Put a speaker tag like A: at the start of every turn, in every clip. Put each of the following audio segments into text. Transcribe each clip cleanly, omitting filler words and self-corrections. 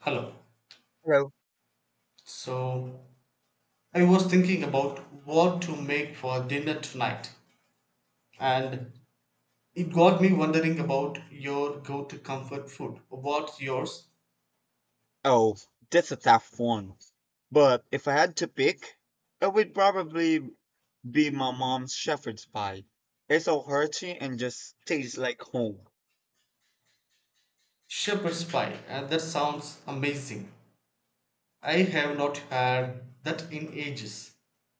A: Hello.
B: Hello.
A: So I was thinking about what to make for dinner tonight, and it got me wondering about your go to comfort food. What's yours?
B: Oh, that's a tough one. But if I had to pick, it would probably be my mom's shepherd's pie. It's so hearty and just tastes like home.
A: Shepherd's pie, and that sounds amazing. I have not had that in ages.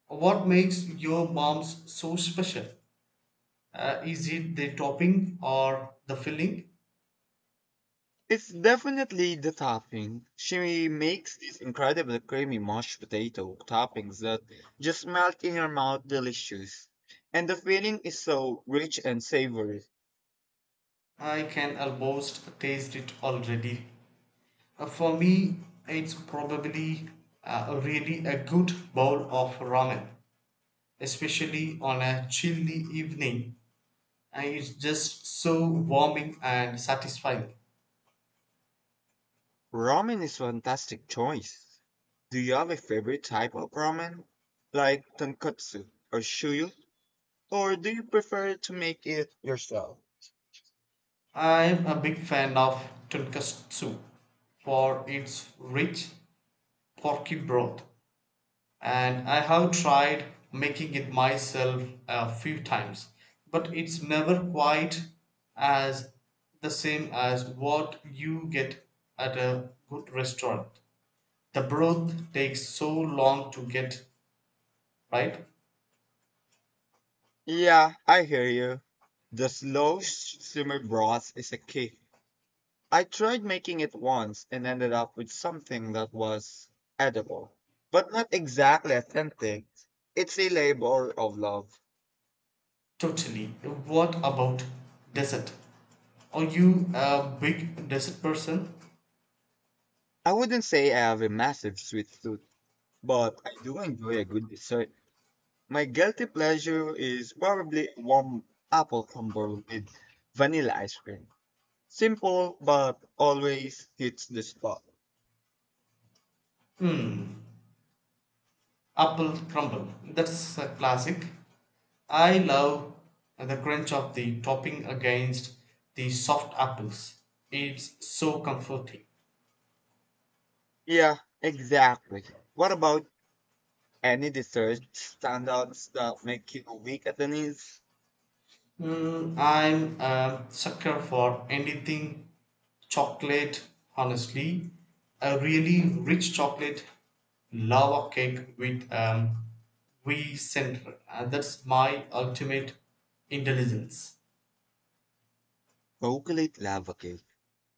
A: What makes your mom's so special? Is it the topping or the filling?
B: It's definitely the topping. She makes these incredible creamy mashed potato toppings that just melt in your mouth delicious. And the filling is so rich and savory.
A: I can almost taste it already. For me, it's probably really a good bowl of ramen, especially on a chilly evening. And it's just so warming and satisfying.
B: Ramen is fantastic choice. Do you have a favorite type of ramen, like tonkotsu or shoyu, or do you prefer to make it yourself?
A: I'm a big fan of tonkatsu for its rich, porky broth. And I have tried making it myself a few times, but it's never quite as the same as what you get at a good restaurant. The broth takes so long to get right.
B: Yeah, I hear you. The simmer broth is a key. I tried making it once and ended up with something that was edible, but not exactly authentic. It's a labor of love.
A: Totally. What about dessert? Are you a big dessert person?
B: I wouldn't say I have a massive sweet tooth, but I do enjoy a good dessert. My guilty pleasure is probably warm apple crumble with vanilla ice cream. Simple, but always hits the spot.
A: Hmm. Apple crumble. That's a classic. I love the crunch of the topping against the soft apples. It's so comforting.
B: Yeah, exactly. What about any dessert standouts that make you weak at the knees?
A: Mm, I'm a sucker for anything chocolate, honestly. A really rich chocolate lava cake with wee center. That's my ultimate indulgence.
B: Chocolate lava cake.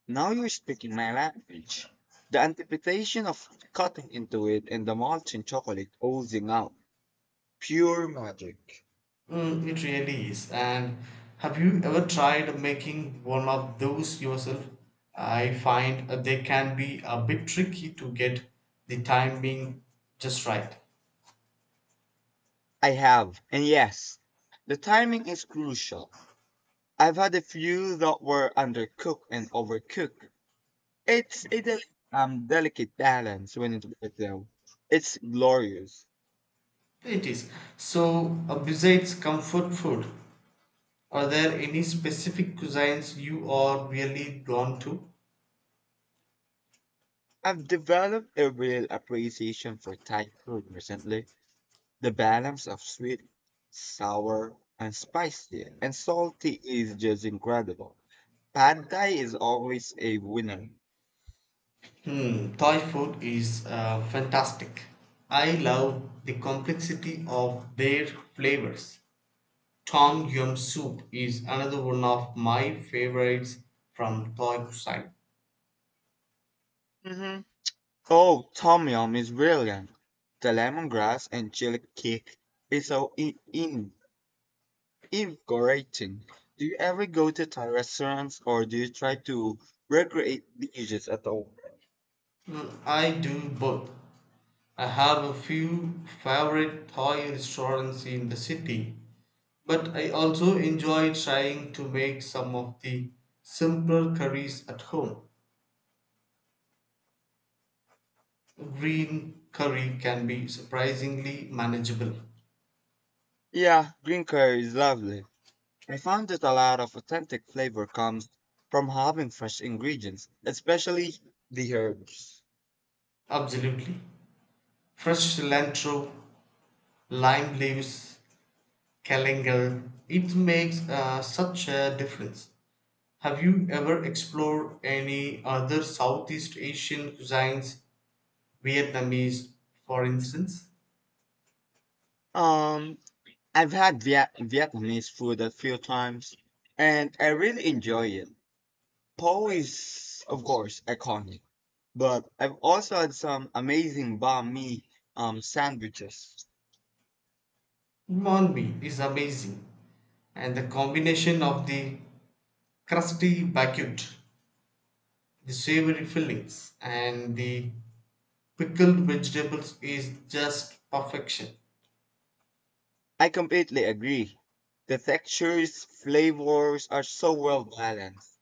B: Now you're speaking my language. The anticipation of cutting into it and the molten chocolate oozing out. Pure magic.
A: Mm, it really is. And have you ever tried making one of those yourself? I find they can be a bit tricky to get the timing just right.
B: I have, and yes, the timing is crucial. I've had a few that were undercooked and overcooked. It's a delicate balance when it works though. It's glorious.
A: It is. So, besides comfort food, are there any specific cuisines you are really drawn to?
B: I've developed a real appreciation for Thai food recently. The balance of sweet, sour, and spicy and salty is just incredible. Pad Thai is always a winner.
A: Hmm, Thai food is fantastic. I love the complexity of their flavors. Tom Yum Soup is another one of my favorites from Thai side.
B: Hmm. Oh, Tom Yum is brilliant. The lemongrass and chili kick is so in. Invigorating. Do you ever go to Thai restaurants or do you try to recreate the dishes at home?
A: Mm, I do both. I have a few favorite Thai restaurants in the city, but I also enjoy trying to make some of the simpler curries at home. Green curry can be surprisingly manageable.
B: Yeah, green curry is lovely. I found that a lot of authentic flavor comes from having fresh ingredients, especially the herbs.
A: Absolutely. Fresh cilantro, lime leaves, kalangal. It makes such a difference. Have you ever explored any other Southeast Asian cuisines, Vietnamese, for instance?
B: Um, I've had Vietnamese food a few times and I really enjoy it. Po is, of course, iconic, but I've also had some amazing banh mi sandwiches.
A: Mon mi is amazing, and the combination of the crusty baguette, the savory fillings, and the pickled vegetables is just perfection.
B: I completely agree. The textures, flavors are so well balanced.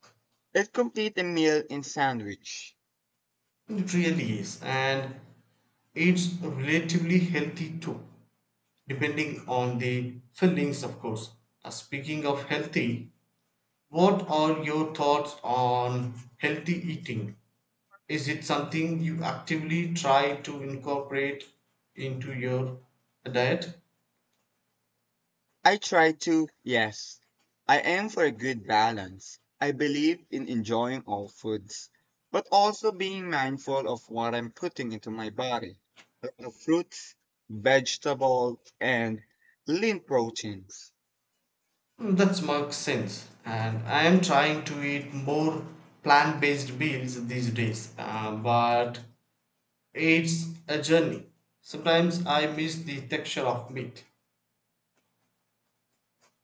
B: It complete a meal in sandwich.
A: It really is, and it's relatively healthy too, depending on the fillings, of course. Speaking of healthy, what are your thoughts on healthy eating? Is it something you actively try to incorporate into your diet?
B: I try to, yes. I aim for a good balance. I believe in enjoying all foods, but also being mindful of what I'm putting into my body. Like the fruits, vegetables, and lean proteins.
A: Mm, that makes sense. And I am trying to eat more plant based meals these days, but it's a journey. Sometimes I miss the texture of meat.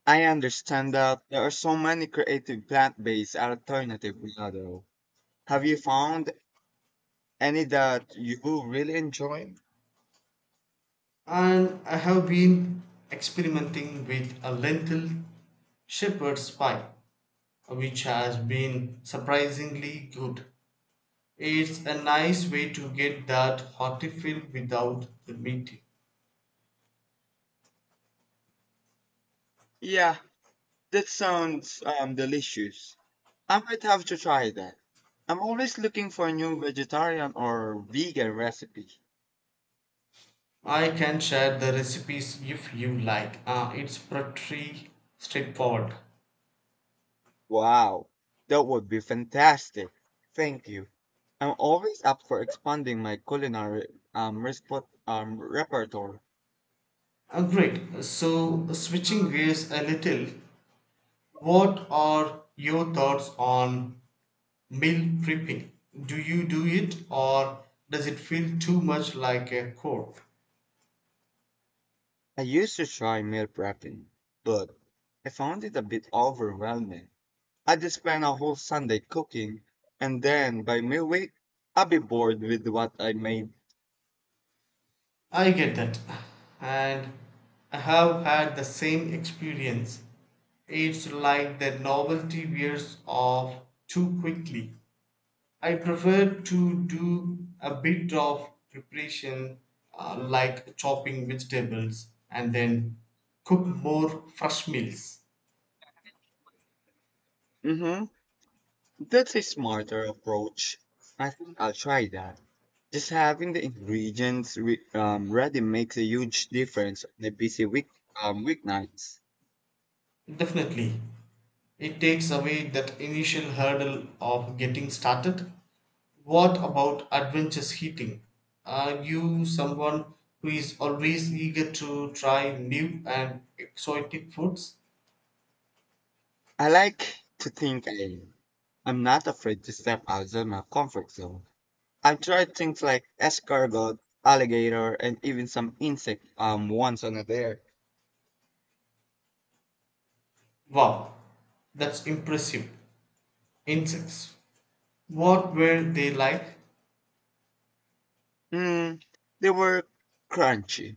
B: I understand that there are so many creative plant-based alternative now though. Have you found any that you really enjoy?
A: And I have been experimenting with a lentil shepherd's pie, which has been surprisingly good. It's a nice way to get that hearty feel without the meat.
B: Yeah, that sounds delicious. I might have to try that. I'm always looking for a new vegetarian or vegan recipe.
A: I can share the recipes if you like. It's pretty straightforward.
B: Wow, that would be fantastic. Thank you. I'm always up for expanding my culinary repertoire.
A: Great. So, switching gears a little, what are your thoughts on meal prepping? Do you do it or does it feel too much like a chore?
B: I used to try meal prepping, but I found it a bit overwhelming. I just spend a whole Sunday cooking, and then by midweek, I'll be bored with what I made.
A: I get that. And I have had the same experience. It's like that novelty wears off too quickly. I prefer to do a bit of preparation, like chopping vegetables, and then cook more fresh meals.
B: Mm hmm That's a smarter approach. I think I'll try that. Just having the ingredients ready makes a huge difference on a busy week weeknights.
A: Definitely. It takes away that initial hurdle of getting started. What about adventurous eating? Are you someone who is always eager to try new and exotic foods?
B: I like to think I'm not afraid to step outside my comfort zone. I've tried things like escargot, alligator, and even some insect once on a dare.
A: Wow, that's impressive. Insects. What were they like?
B: Mm, they were crunchy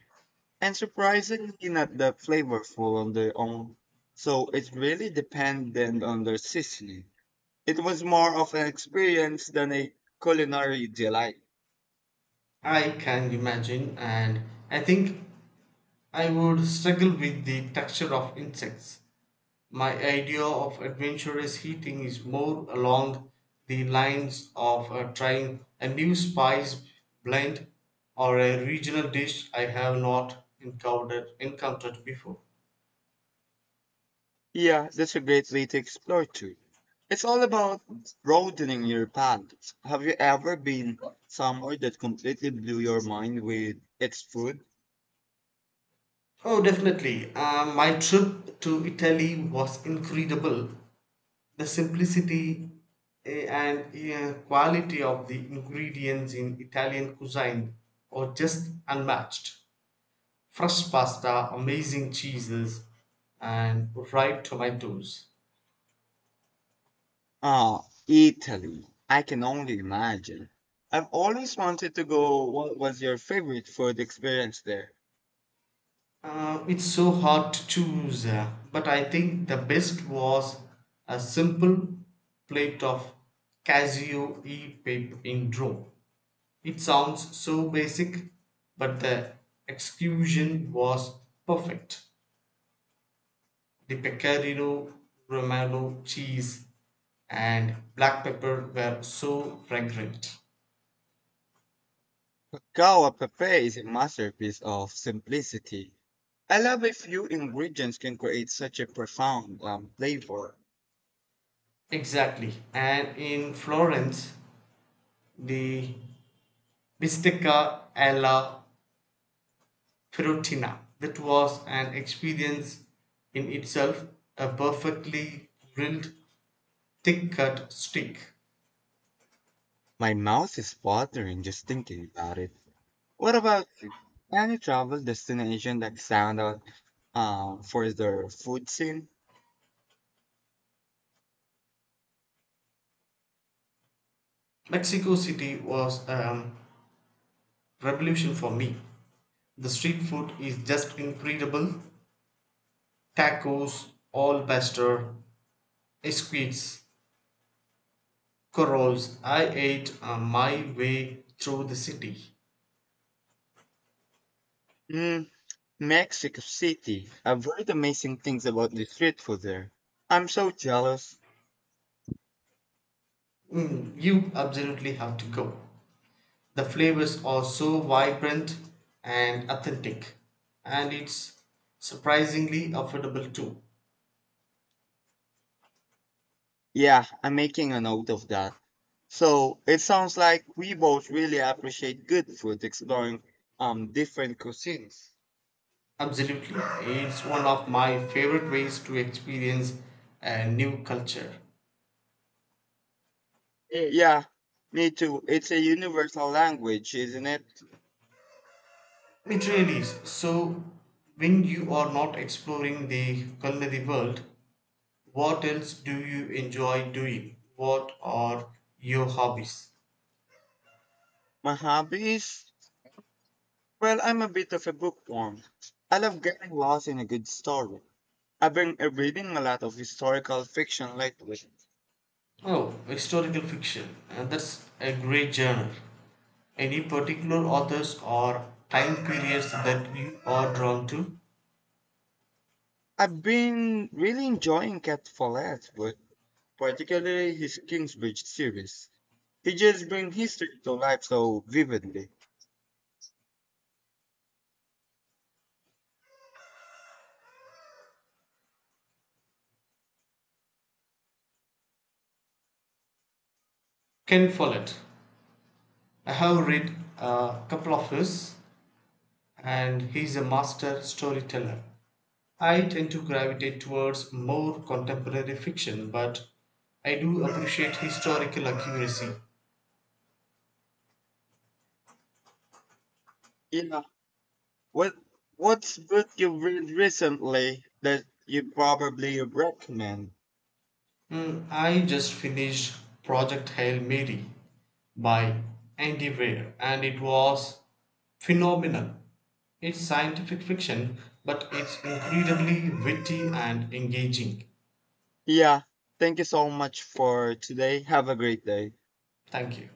B: and surprisingly not that flavorful on their own. So it really depended on their seasoning. It was more of an experience than a culinary delight.
A: I can imagine, and I think I would struggle with the texture of insects. My idea of adventurous eating is more along the lines of trying a new spice blend or a regional dish I have not encountered before.
B: Yeah, that's a great way to explore too. It's all about broadening your palate. Have you ever been somewhere that completely blew your mind with its food?
A: Oh, definitely. My trip to Italy was incredible. The simplicity and quality of the ingredients in Italian cuisine are just unmatched. Fresh pasta, amazing cheeses, and ripe tomatoes.
B: Ah, Italy. I can only imagine. I've always wanted to go. What was your favorite food experience there?
A: It's so hard to choose, but I think the best was a simple plate of Casio e pape in Rome. It sounds so basic, but the execution was perfect. The pecorino romano cheese and black pepper were so fragrant.
B: Cacao a pepe is a masterpiece of simplicity. I love a few ingredients can create such a profound flavor.
A: Exactly. And in Florence, the bistecca alla Perugina. That was an experience in itself, a perfectly grilled, thick cut steak.
B: My mouth is watering just thinking about it. What about you? Any travel destination that stand out for their food scene?
A: Mexico City was a revolution for me. The street food is just incredible: tacos, all pastor, esquites, corals. I ate my way through the city.
B: Hmm, Mexico City. I've heard amazing things about the street food there. I'm so jealous.
A: Mm, you absolutely have to go. The flavors are so vibrant and authentic, and it's surprisingly affordable too.
B: Yeah, I'm making a note of that. So it sounds like we both really appreciate good food, exploring different cuisines.
A: Absolutely, it's one of my favorite ways to experience a new culture.
B: Mm. Yeah, me too. It's a universal language, isn't it?
A: It really is. So, when you are not exploring the culinary world, what else do you enjoy doing? What are your hobbies?
B: My hobbies? Well, I'm a bit of a bookworm. I love getting lost in a good story. I've been reading a lot of historical fiction lately.
A: Oh, historical fiction. And That's a great genre. Any particular authors or time periods that you are drawn to?
B: I've been really enjoying Cat Follett's book, particularly his Kingsbridge series. He just brings history to life so vividly.
A: Ken Follett. I have read a couple of his, and he's a master storyteller. I tend to gravitate towards more contemporary fiction, but I do appreciate historical accuracy.
B: Yeah. What what's book you've read recently that you probably recommend?
A: Mm, I just finished Project Hail Mary by Andy Weir and it was phenomenal. It's scientific fiction, but it's incredibly witty and engaging.
B: Yeah. Thank you so much for today. Have a great day.
A: Thank you.